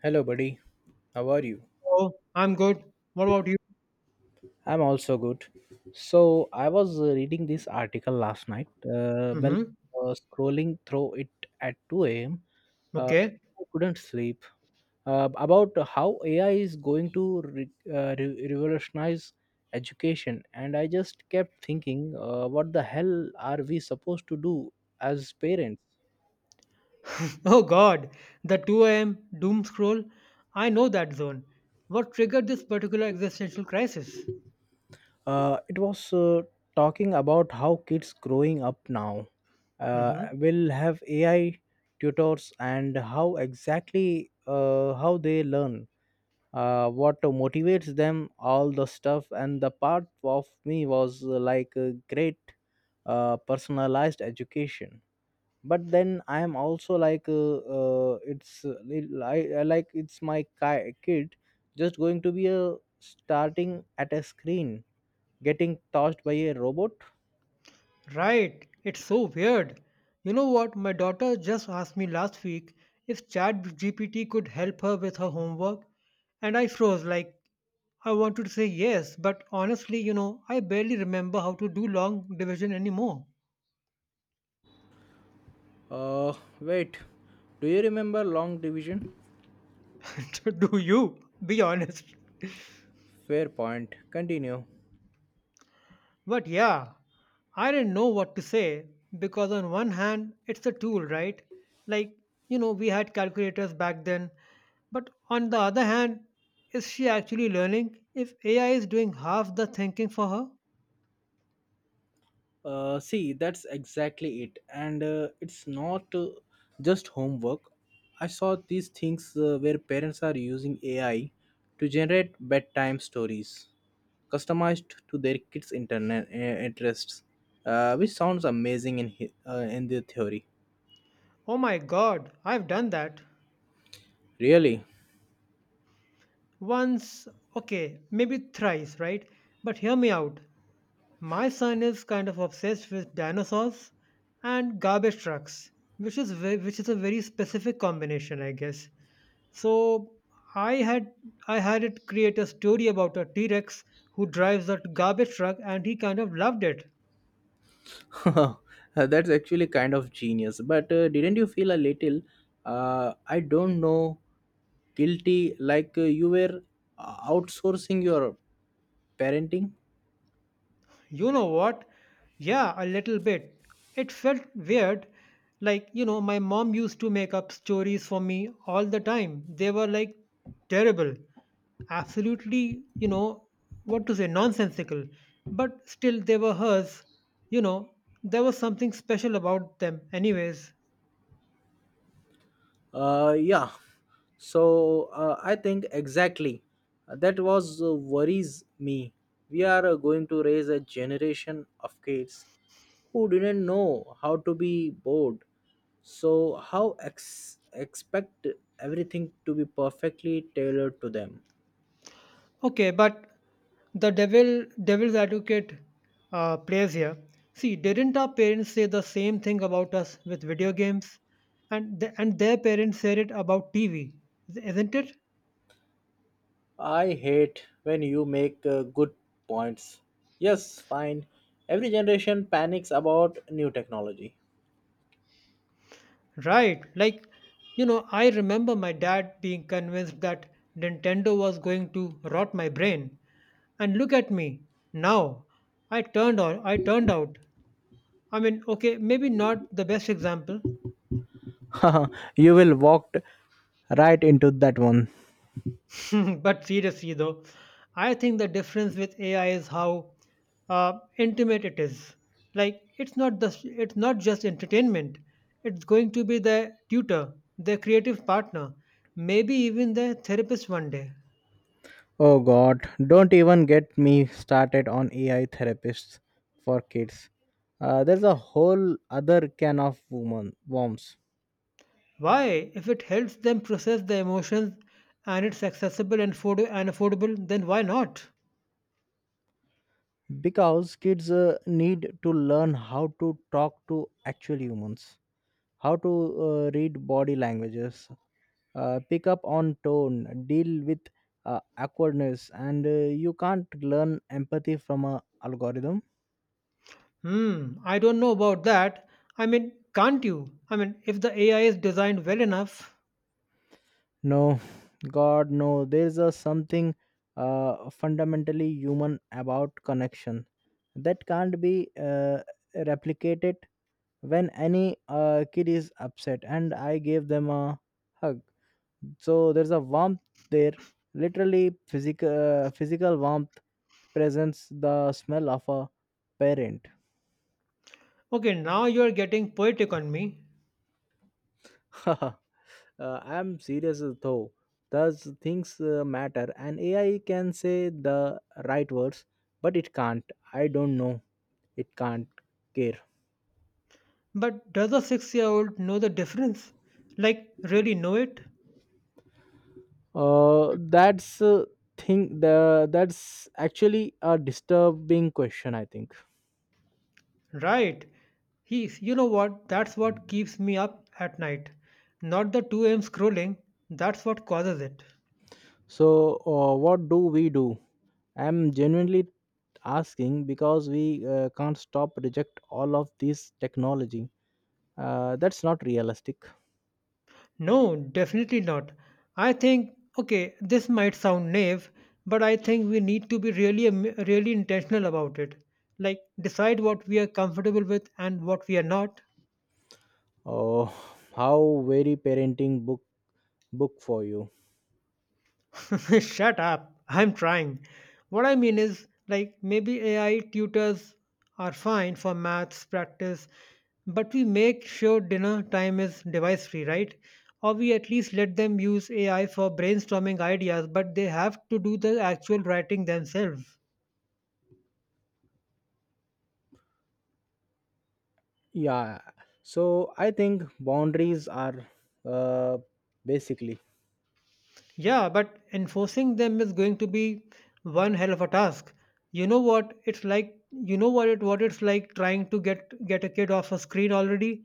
Hello, buddy. How are you? Oh, I'm good. What about you? I'm also good. So, I was reading this article last night. Well, Mm-hmm. Scrolling through it at 2 a.m., uh, Okay. I couldn't sleep. About how AI is going to revolutionize education, and I just kept thinking, what the hell are we supposed to do as parents? Oh God, the 2 a.m. doom scroll. I know that zone. What triggered this particular existential crisis? It was talking about how kids growing up now Mm-hmm. will have AI tutors and how they learn, what motivates them, all the stuff. And the part of me was like, a great personalized education. But then I am also like it's I like, it's my kid just going to be a starting at a screen getting tossed by a robot? Right. It's so weird. You know what? My daughter just asked me last week if ChatGPT could help her with her homework, and I froze like I wanted to say yes, but honestly, I barely remember how to do long division anymore. Uh, Wait. Do you remember long division? Do you? Be honest. Fair point. Continue. But yeah, I didn't know what to say because, on one hand, it's a tool, right? Like, we had calculators back then. But on the other hand, is she actually learning if AI is doing half the thinking for her? See, that's exactly it. And it's not just homework. I saw these things where parents are using AI to generate bedtime stories customized to their kids' internet interests, which sounds amazing in in the theory. Oh my god, I've done that. Really? Once, okay, maybe thrice, right? But hear me out. My son is kind of obsessed with dinosaurs and garbage trucks, which is a very specific combination, I guess. So I had I had it create a story about a T-Rex who drives a garbage truck, and he kind of loved it. That's actually kind of genius. But didn't you feel a little, I don't know, guilty, like you were outsourcing your parenting? You know what? Yeah, a little bit. It felt weird. My mom used to make up stories for me all the time. They were like terrible, absolutely, what to say, nonsensical. But still, they were hers. You know, there was something special about them, anyways. Yeah. So I think exactly. That was worries me. We are going to raise a generation of kids who didn't know how to be bored. So how expect everything to be perfectly tailored to them? Okay, but the devil's advocate plays here. See, didn't our parents say the same thing about us with video games, and their parents said it about TV, isn't it? I hate when you make good points. Yes, fine. Every generation panics about new technology. Right. I remember my dad being convinced that Nintendo was going to rot my brain, and look at me now. I turned on. I turned out. I mean, okay, maybe not the best example, You will walked right into that one. but seriously, though, I think the difference with AI is how intimate it is. It's not just entertainment. It's going to be their tutor, their creative partner, maybe even their therapist one day. Oh god, don't even get me started on AI therapists for kids. There's a whole other can of woman worms, Why? If it helps them process their emotions and it's accessible and affordable, then why not? because kids need to learn how to talk to actual humans, how to read body languages, pick up on tone, deal with awkwardness, and you can't learn empathy from a algorithm. Hmm, I don't know about that. I mean, can't you? I mean, if the AI is designed well enough. No, God, no. There's a something fundamentally human about connection that can't be replicated. When any kid is upset and I gave them a hug, so there's a warmth there, literally physical physical warmth presents the smell of a parent. Okay, now you're getting poetic on me, I'm serious though. Does things matter? And AI can say the right words, but it can't. I don't know. It can't care. but does a 6 year old know the difference? Like, really know it? That's thing. The That's actually a disturbing question, I think. Right. He's, you know what? That's what keeps me up at night. Not the 2 a.m. scrolling, that's what causes it. So, what do we do? I'm genuinely asking because we can't stop reject all of this technology. That's not realistic. No, definitely not. I think, okay, this might sound naive, but I think we need to be really intentional about it. Like, decide what we are comfortable with and what we are not. Oh, how very parenting book for you. Shut up. I'm trying. What I mean is, like, maybe AI tutors are fine for maths practice, but we make sure dinner time is device free, right? Or we at least let them use AI for brainstorming ideas, but they have to do the actual writing themselves. Yeah, so I think boundaries are uh, basically. Yeah, but enforcing them is going to be one hell of a task. You know what it's like trying to get a kid off a screen already?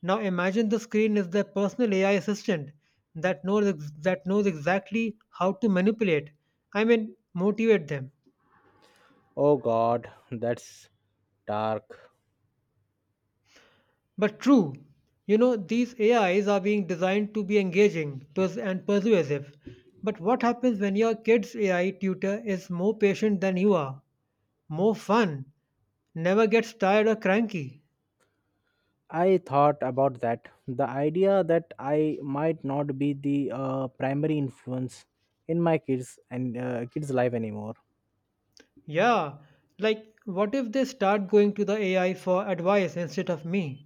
Now imagine the screen is their personal AI assistant that knows exactly how to manipulate, I mean motivate them. Oh god, that's dark. But true, you know these AIs are being designed to be engaging pers- and persuasive. But what happens when your kid's AI tutor is more patient than you are? More fun. Never gets tired or cranky. I thought about that, the idea that I might not be the primary influence in my kids life anymore. Yeah, like what if they start going to the AI for advice instead of me?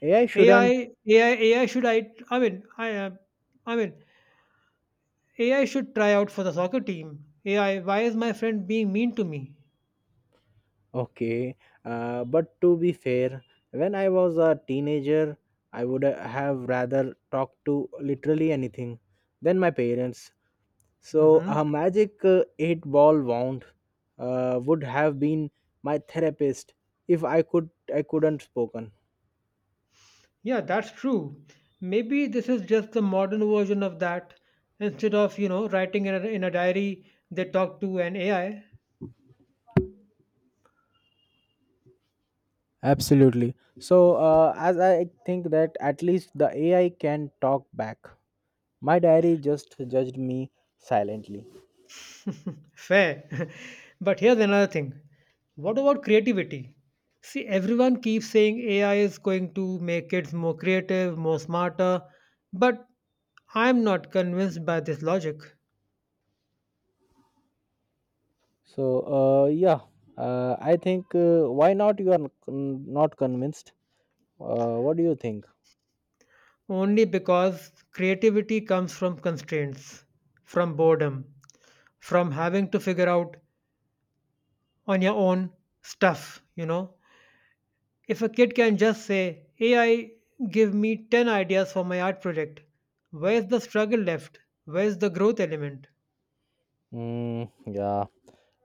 AI shouldn't. AI should I? I mean, I am. I mean, AI should try out for the soccer team. AI, why is my friend being mean to me? Okay, but to be fair, when I was a teenager I would have rather talked to literally anything than my parents. So a Mm-hmm. magic eight ball wound would have been my therapist if I couldn't spoken. Yeah, that's true. Maybe this is just the modern version of that. Instead of writing in a diary, they talk to an AI. Absolutely. So as I think that at least the AI can talk back. My diary just judged me silently. Fair. but here's another thing. What about creativity? See, everyone keeps saying AI is going to make kids more creative, more smarter, but I'm not convinced by this logic. So yeah, I think why not? You are not convinced. What do you think? Only because creativity comes from constraints, from boredom, from having to figure out on your own stuff, you know. If a kid can just say, AI, give me 10 ideas for my art project, where's the struggle left? Where's the growth element? Mm, yeah,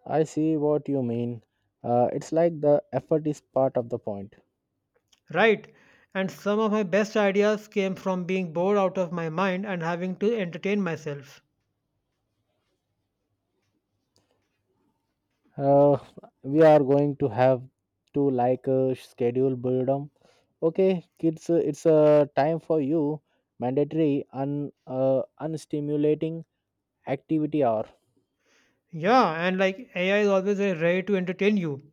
I see what you mean. It's like the effort is part of the point. Right. And some of my best ideas came from being bored out of my mind and having to entertain myself. uh, we are going to have to, like, schedule boredom. Okay kids, it's a time for you, mandatory un unstimulating activity hour. Yeah, and like AI is always ready to entertain you.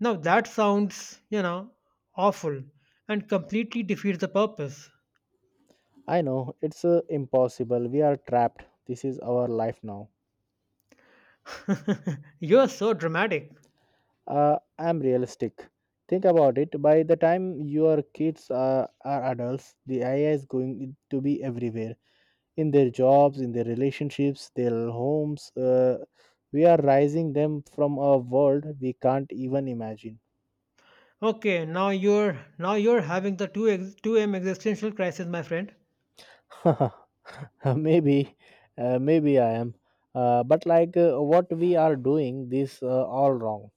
Now that sounds, awful and completely defeats the purpose. I know it's impossible, we are trapped, this is our life now. You're so dramatic. I'm realistic. Think about it, by the time your kids are adults the AI is going to be everywhere in their jobs, in their relationships, their homes. We are rising them from a world we can't even imagine. Okay, now you're having the 2m existential crisis, my friend. Maybe, maybe I am. But like, what we are doing this all wrong,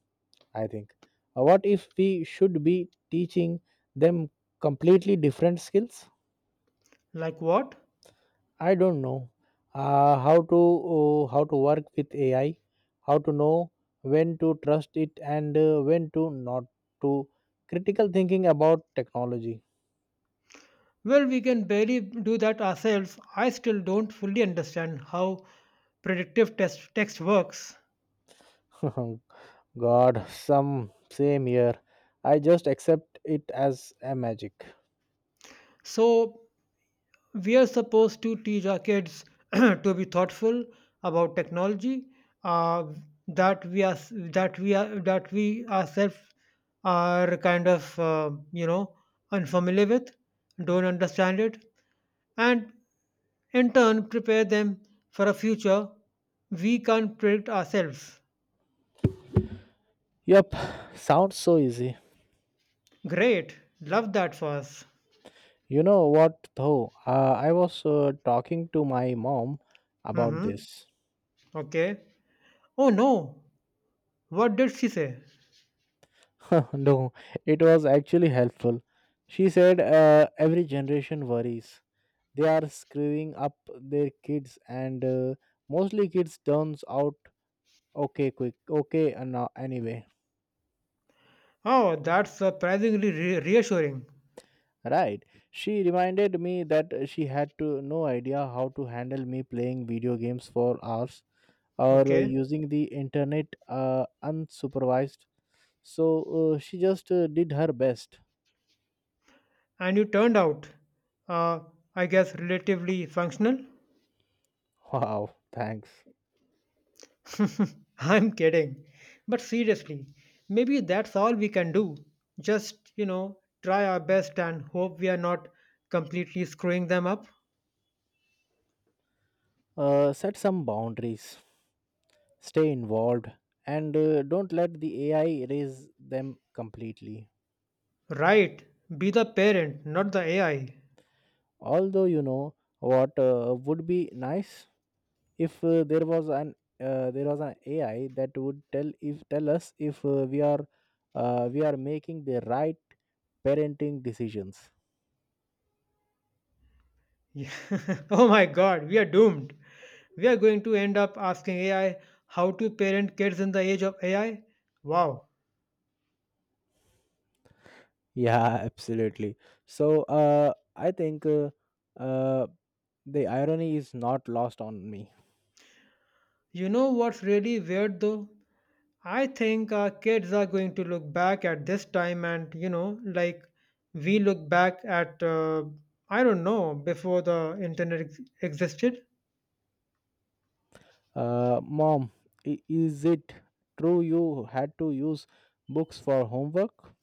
I think. What if we should be teaching them completely different skills? Like what? I don't know, uh, how to how to work with AI, how to know when to trust it and when to not to. Critical thinking about technology. Well, we can barely do that ourselves. I still don't fully understand how text works. God, some same here. I just accept it as a magic. So, we are supposed to teach our kids to be thoughtful about technology uh, that we ourselves are kind of unfamiliar with, don't understand it, and in turn prepare them for a future we can't predict ourselves. Yep, sounds so easy. Great. Love that for us. You know what though? I was talking to my mom about Mm-hmm. this. Okay. Oh no. What did she say? No, it was actually helpful. She said every generation worries they are screwing up their kids and mostly kids turns out okay, quick okay, and anyway. Oh, that's surprisingly reassuring. Right, she reminded me that she had to no idea how to handle me playing video games for hours or Okay. using the internet unsupervised. So she just did her best. And you turned out, uh, I guess, relatively functional? Wow, thanks. I'm kidding. But seriously, maybe that's all we can do. Just, try our best and hope we are not completely screwing them up. Set some boundaries, stay involved, and don't let the AI erase them completely. Right. Be the parent, not the AI. Although, you know what, would be nice if there was an AI that would tell us if we are we are making the right parenting decisions. Yeah. oh my god, we are doomed. We are going to end up asking AI how to parent kids in the age of AI. Wow. Yeah, absolutely. So I think uh, the irony is not lost on me. You know what's really weird though? I think our kids are going to look back at this time and, we look back at, I don't know, before the existed. Mom, is it true you had to use books for homework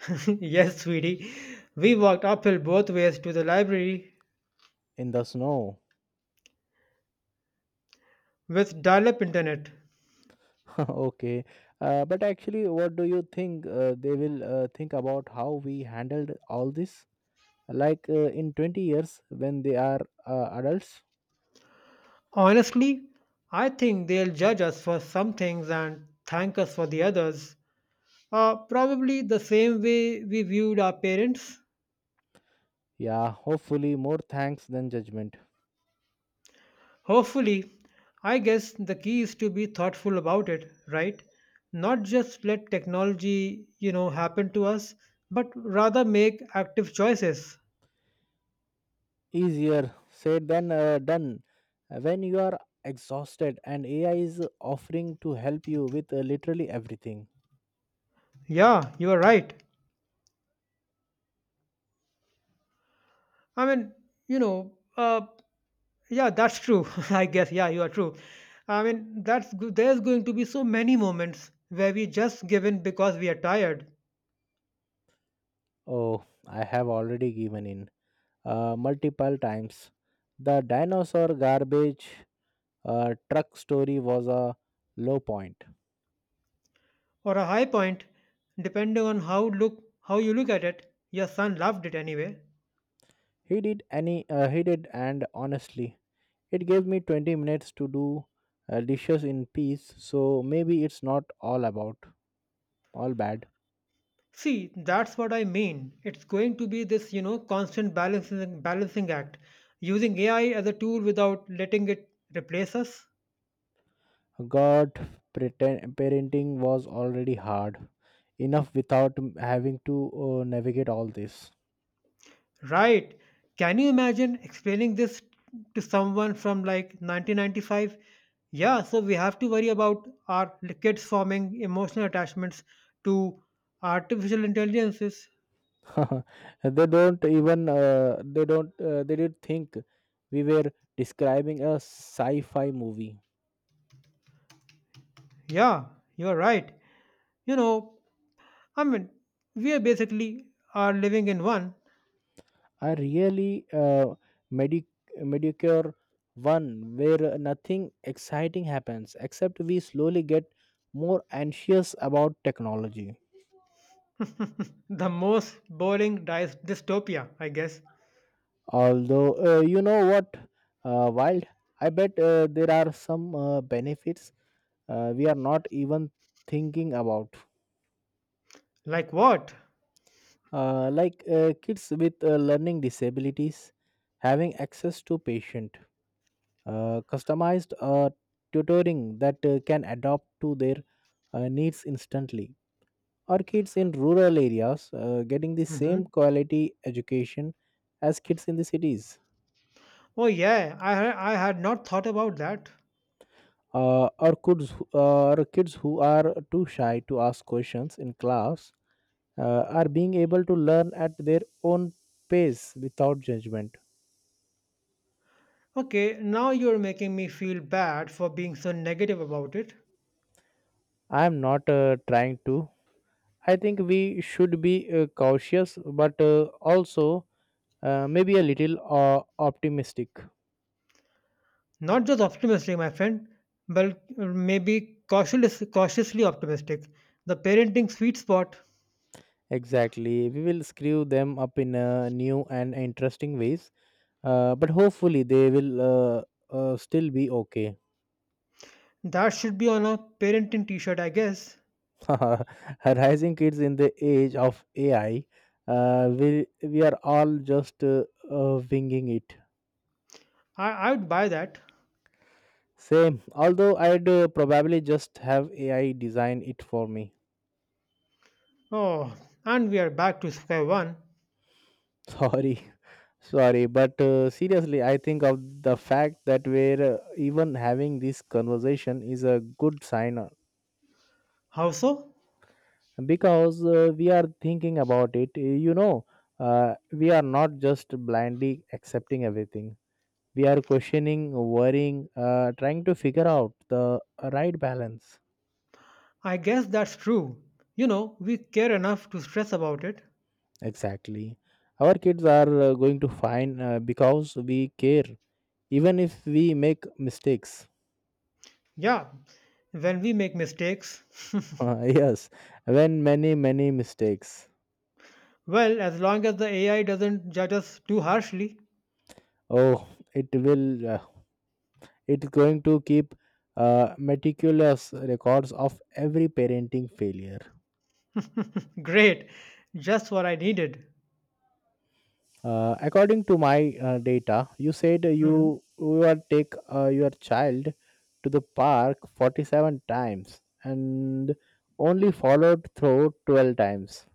yes, sweetie. We walked uphill both ways to the library in the snow? with dial up internet. Okay. But actually, what do you think they will think about how we handled all this? Like, in 20 years when they are adults? Honestly, I think they'll judge us for some things and thank us for the others, probably the same way we viewed our parents. Yeah, hopefully more thanks than judgment. Hopefully, I guess the key is to be thoughtful about it, right? Not just let technology, happen to us, but rather make active choices. Easier said than done. When you are exhausted and AI is offering to help you with literally everything. Yeah, you are right. I mean, you know, uh, Yeah, that's true. I guess, yeah, you are true. I mean, there's going to be so many moments where we just give in because we are tired, Oh, I have already given in multiple times. The dinosaur garbage truck story was a low point. or a high point, depending on how you look at it. Your son loved it anyway. He did, and honestly, it gave me 20 minutes to do dishes in peace. So maybe it's not all about all bad. See, that's what I mean. It's going to be this, constant balancing act, using AI as a tool without letting it replace us. God, pretend, parenting was already hard enough without having to navigate all this. Right. Can you imagine explaining this to someone from like 1995? Yeah, so we have to worry about our kids forming emotional attachments to artificial intelligences. they don't even they don't They did think we were describing a sci-fi movie. Yeah, you're right. You know, I mean, we are basically are living in one. I really medic medicure one where nothing exciting happens except we slowly get more anxious about technology. the most boring dystopia, I guess. Although you know what, wild, I bet there are some benefits we are not even thinking about. Like what? Like, kids with learning disabilities having access to patient, customized tutoring that can adapt to their needs instantly. Or kids in rural areas getting the Hmm. same quality education as kids in the cities. Oh yeah, I had not thought about that. Or kids who are too shy to ask questions in class are being able to learn at their own pace without judgment. Okay, now you're making me feel bad for being so negative about it. I am not trying to. I think we should be cautious, but also maybe a little optimistic. Not just optimistic, my friend, but cautiously optimistic. The parenting sweet spot. Exactly. We will screw them up in new and interesting ways. But hopefully they will still be okay. That should be on a parenting t shirt, I guess. Rising kids in the age of AI, we are all just winging it. I would buy that. Same. Although I'd probably just have AI design it for me. Oh, and we are back to square one. Sorry. Sorry, but seriously, I think of the fact that we're even having this conversation is a good sign, How so? because we are thinking about it, you know, we are not just blindly accepting everything, we are questioning, worrying, trying to figure out the right balance. I guess that's true. You know, we care enough to stress about it. Exactly. Our kids are going to find because we care, even if we make mistakes. Yeah, when we make mistakes. Yes, when many, many mistakes. well, as long as the AI doesn't judge us too harshly. Oh, it will uh, it's going to keep meticulous records of every parenting failure. Great. Just what I needed. According to my data, you said Mhm. you are take your child to the park 47 times and only followed through 12 times.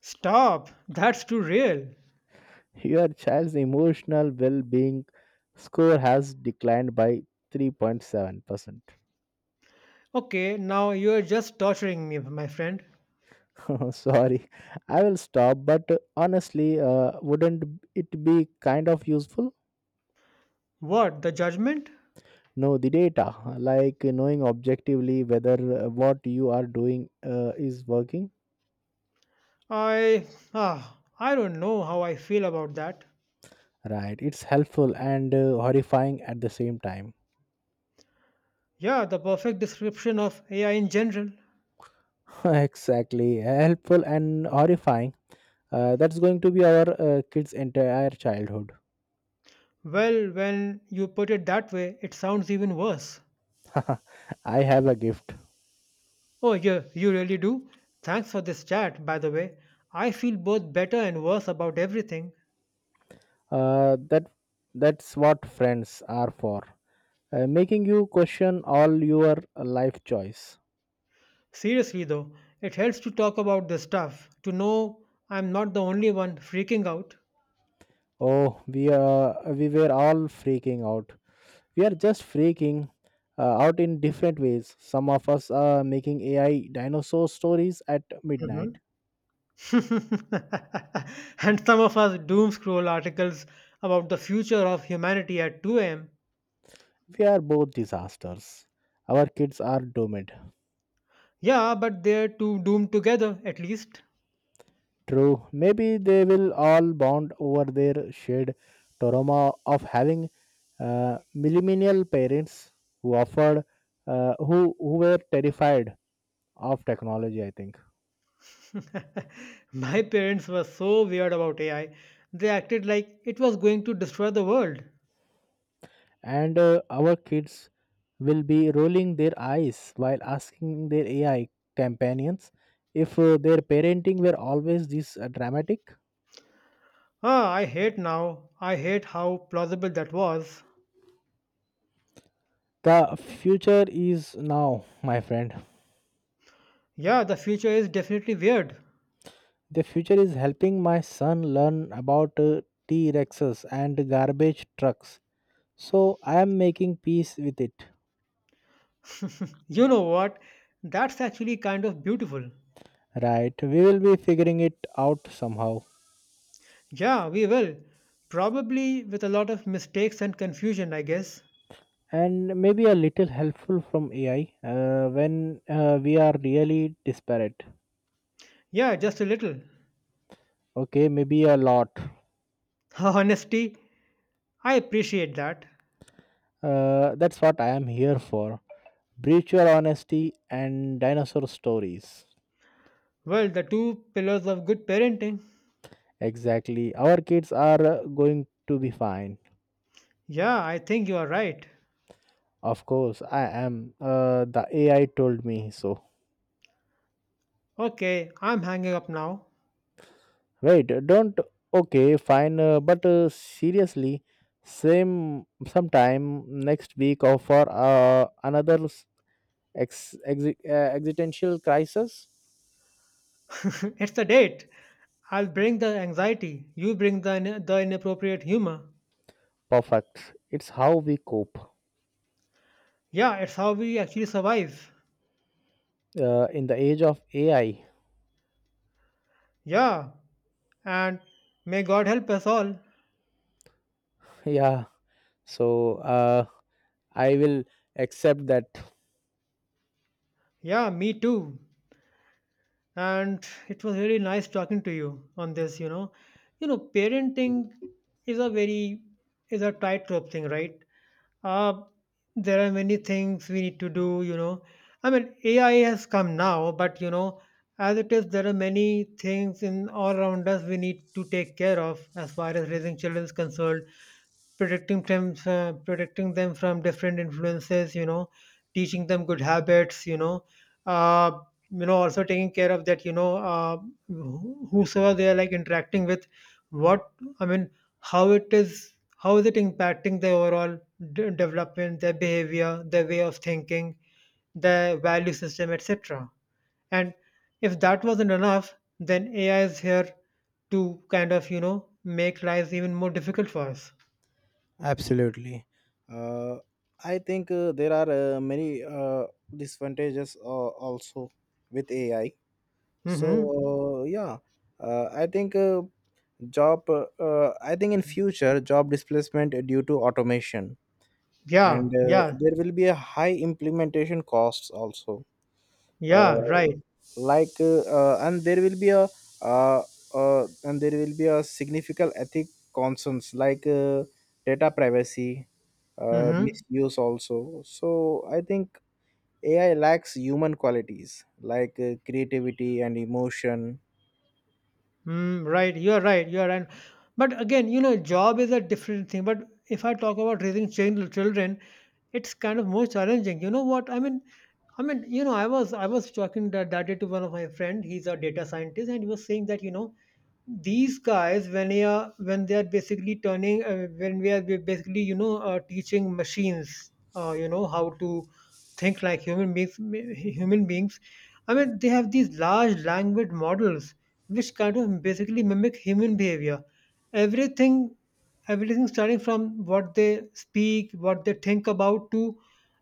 Stop. That's too real. Your child's emotional well-being score has declined by 3.7%. Okay, now you're just torturing me, my friend. Sorry, I will stop. But honestly, wouldn't it be kind of useful? What, the judgment? No, the data, like knowing objectively whether what you are doing is working. I. Ah, I don't know how I feel about that. Right, it's helpful and horrifying at the same time. Yeah, the perfect description of AI in general. Exactly, helpful and horrifying. That's going to be our kids entire childhood. Well, when you put it that way, it sounds even worse. I have a gift. Oh, yeah, you really do? Thanks for this chat, by the way. I feel both better and worse about everything. uh, that that's what friends are for, making you question all your life choice. Seriously, though, it helps to talk about this stuff, to know I'm not the only one freaking out. Oh, we were all freaking out, we are just freaking out in different ways. Some of us are making AI dinosaur stories at midnight. Mhm. and some of us doom scroll articles about the future of humanity at 2 a.m. We are both disasters. Our kids are doomed. Yeah, but they're too doomed together, at least. True, maybe they will all bond over their shared trauma of having millennial parents who offered, who were terrified of technology, I think. My parents were so weird about AI. They acted like it was going to destroy the world. And our kids will be rolling their eyes while asking their AI companions if their parenting were always this dramatic. Ah, I hate now. I hate how plausible that was. The future is now, my friend. Yeah, the future is definitely weird. The future is helping my son learn about T Rexes and garbage trucks. So I am making peace with it. You know what? That's actually kind of beautiful. Right, we will be figuring it out somehow. Yeah, we will. Probably with a lot of mistakes and confusion, I guess. And maybe a little helpful from AI when we are really disparate. Yeah, just a little. Okay, maybe a lot. Honesty, I appreciate that. That's what I am here for. Brutal honesty and dinosaur stories. Well, the two pillars of good parenting. Exactly. Our kids are going to be fine. Yeah, I think you are right. Of course, I am. The AI told me so. Okay, I'm hanging up now. Wait, don't. Okay, fine. But seriously, same sometime next week or for another existential crisis. it's a date. I'll bring the anxiety. You bring the inappropriate humor. Perfect. It's how we cope Yeah, it's how we actually survive. In the age of AI. Yeah, and may God help us all. Yeah. So I will accept that. Yeah, me too. And it was really nice talking to you on this, you know. You know, parenting is a very is a tightrope thing, right? Uh there are many things we need to do, you know. I mean, AI has come now, but you know, as it is, there are many things in all around us we need to take care of as far as raising children is concerned, protecting them protecting them from different influences, you know, teaching them good habits, you know, uh, you know, also taking care of that, you know, whosoever they are like interacting with. What I mean How is it impacting their overall development, their behavior, their way of thinking, their value system, etc. And if that wasn't enough, then AI is here to kind of, you know, make lives even more difficult for us. Absolutely. Uh, I think there are many disadvantages also with AI. So hmm yeah, I think job. I think in future job displacement due to automation, Yeah, and yeah, there will be a high implementation costs also. yeah, uh, right. like, uh, and there will be a significant ethic concerns like data privacy Mm-hmm. misuse also, so I think AI lacks human qualities like creativity and emotion. Mm, right. You're right. You're right. But again, you know, job is a different thing. But if I talk about raising children, it's kind of more challenging. You know what? I mean, you know, I was talking that, that day to one of my friend. He's a data scientist, and he was saying that you know, these guys when they are basically turning when we are basically, you know, teaching machines you know, how to think like human beings. human beings I mean, they have these large language models which kind of basically mimic human behavior, everything. Everything starting from what they speak, what they think about, to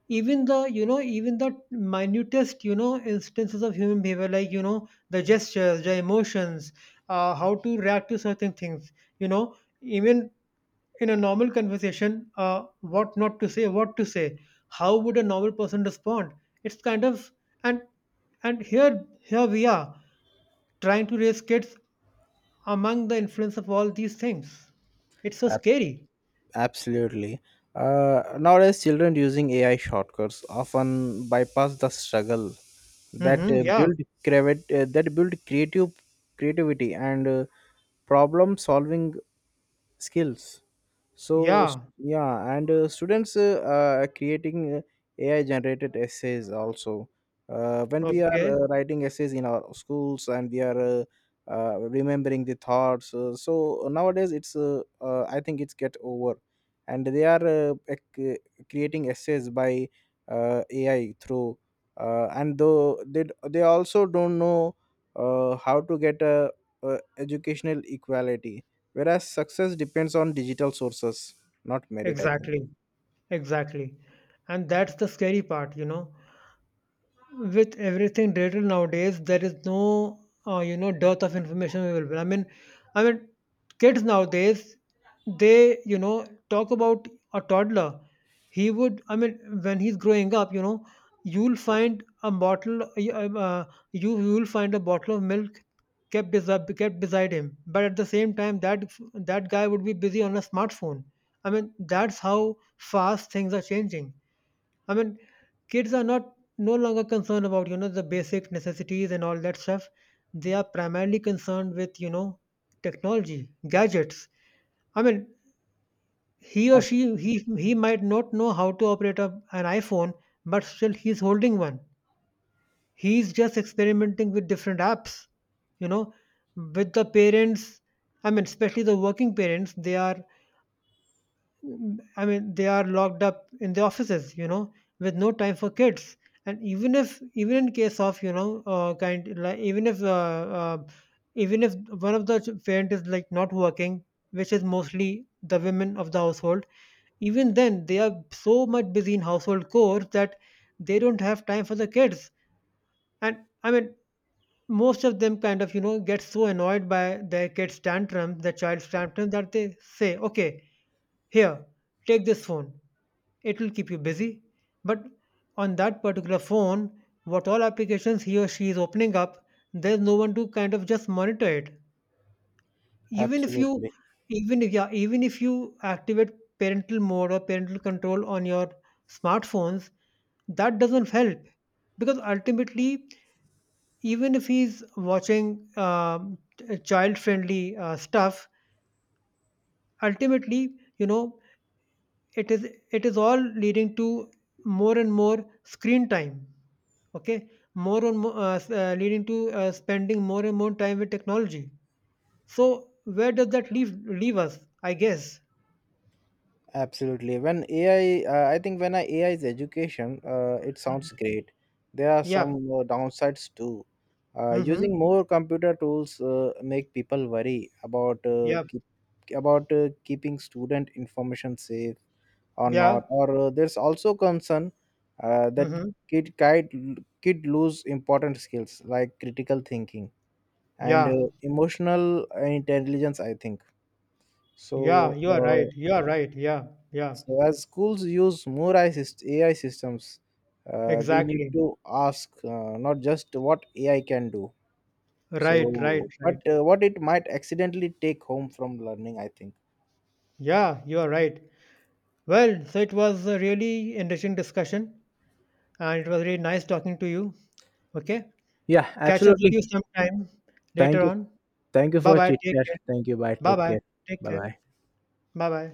even the, you know, even the minutest, you know, instances of human behavior, like, you know, the gestures, the emotions, how to react to certain things, you know, even in a normal conversation, what not to say, what to say, how would a normal person respond. It's kind of, and and here we are trying to raise kids among the influence of all these things. It's so Ab- scary. Absolutely. Nowadays children using AI shortcuts often bypass the struggle that Mm-hmm, uh, yeah, build that build creative creativity and problem solving skills. Yeah, Yeah, and students are creating AI generated essays also. When we are okay, writing essays in our schools and we are remembering the thoughts. Nowadays it's I think it's get over, and they are creating essays by AI through. And Though they also don't know how to get a educational equality, whereas success depends on digital sources, not merit, I think. exactly. Exactly. And that's the scary part, you know. With everything digital nowadays, there is no, you know, dearth of information available. I mean, kids nowadays, they, you know, talk about a toddler. He would, I mean, when he's growing up, you know, you'll find a bottle, you'll find a bottle of milk kept beside him. But at the same time, that guy would be busy on a smartphone. I mean, that's how fast things are changing. I mean, kids are not no longer concerned about, you know, the basic necessities and all that stuff. They are primarily concerned with, you know, technology, gadgets. I mean, he or Ab- she he might not know how to operate a, an iPhone, but still he's holding one. He's just experimenting with different apps, you know, with the parents. I mean, especially the working parents, they are I mean, they are locked up in the offices, you know, with no time for kids. And even if, even in case of, you know, kind, like, even if one of the parent is like not working, which is mostly the women of the household, even then they are so much busy in household chores that they don't have time for the kids. And I mean, most of them kind of, you know, get so annoyed by their kids' tantrums, their child's tantrum that they say, okay, here, take this phone, it will keep you busy. But on that particular phone, what all applications he or she is opening up, there's no one to kind of just monitor it. Even if you, absolutely even if yeah, even if you activate parental mode or parental control on your smartphones, that doesn't help, because ultimately, even if he's watching child friendly stuff, ultimately, you know, it is all leading to more and more screen time. Okay, more and more leading to spending more and more time with technology. So where does that leave us, I guess? Absolutely, when AI I think when AI is education, it sounds Mhm. great. There are some Yeah. Downsides too, using Mm-hmm. more computer tools make people worry about Yeah. About keeping student information safe or not. Yeah. Or there's also concern that Mm-hmm. kid lose important skills like critical thinking and Yeah. Emotional intelligence, I think. Yeah. So, You are right. You are right. Yeah. Yeah. As schools use more AI systems, we need Exactly. to ask not just what AI can do, Right. Right. but Right. What it might accidentally take home from learning, I think. Yeah. You are right. Well, so it was a really interesting discussion, and it was really nice talking to you. Okay. Yeah, Catch up with absolutely. you sometime Thank later you. on. Thank you Bye for bye. chit Take chat. care. Thank you. Bye. Bye Take bye. care. Take Bye care. bye. Bye bye.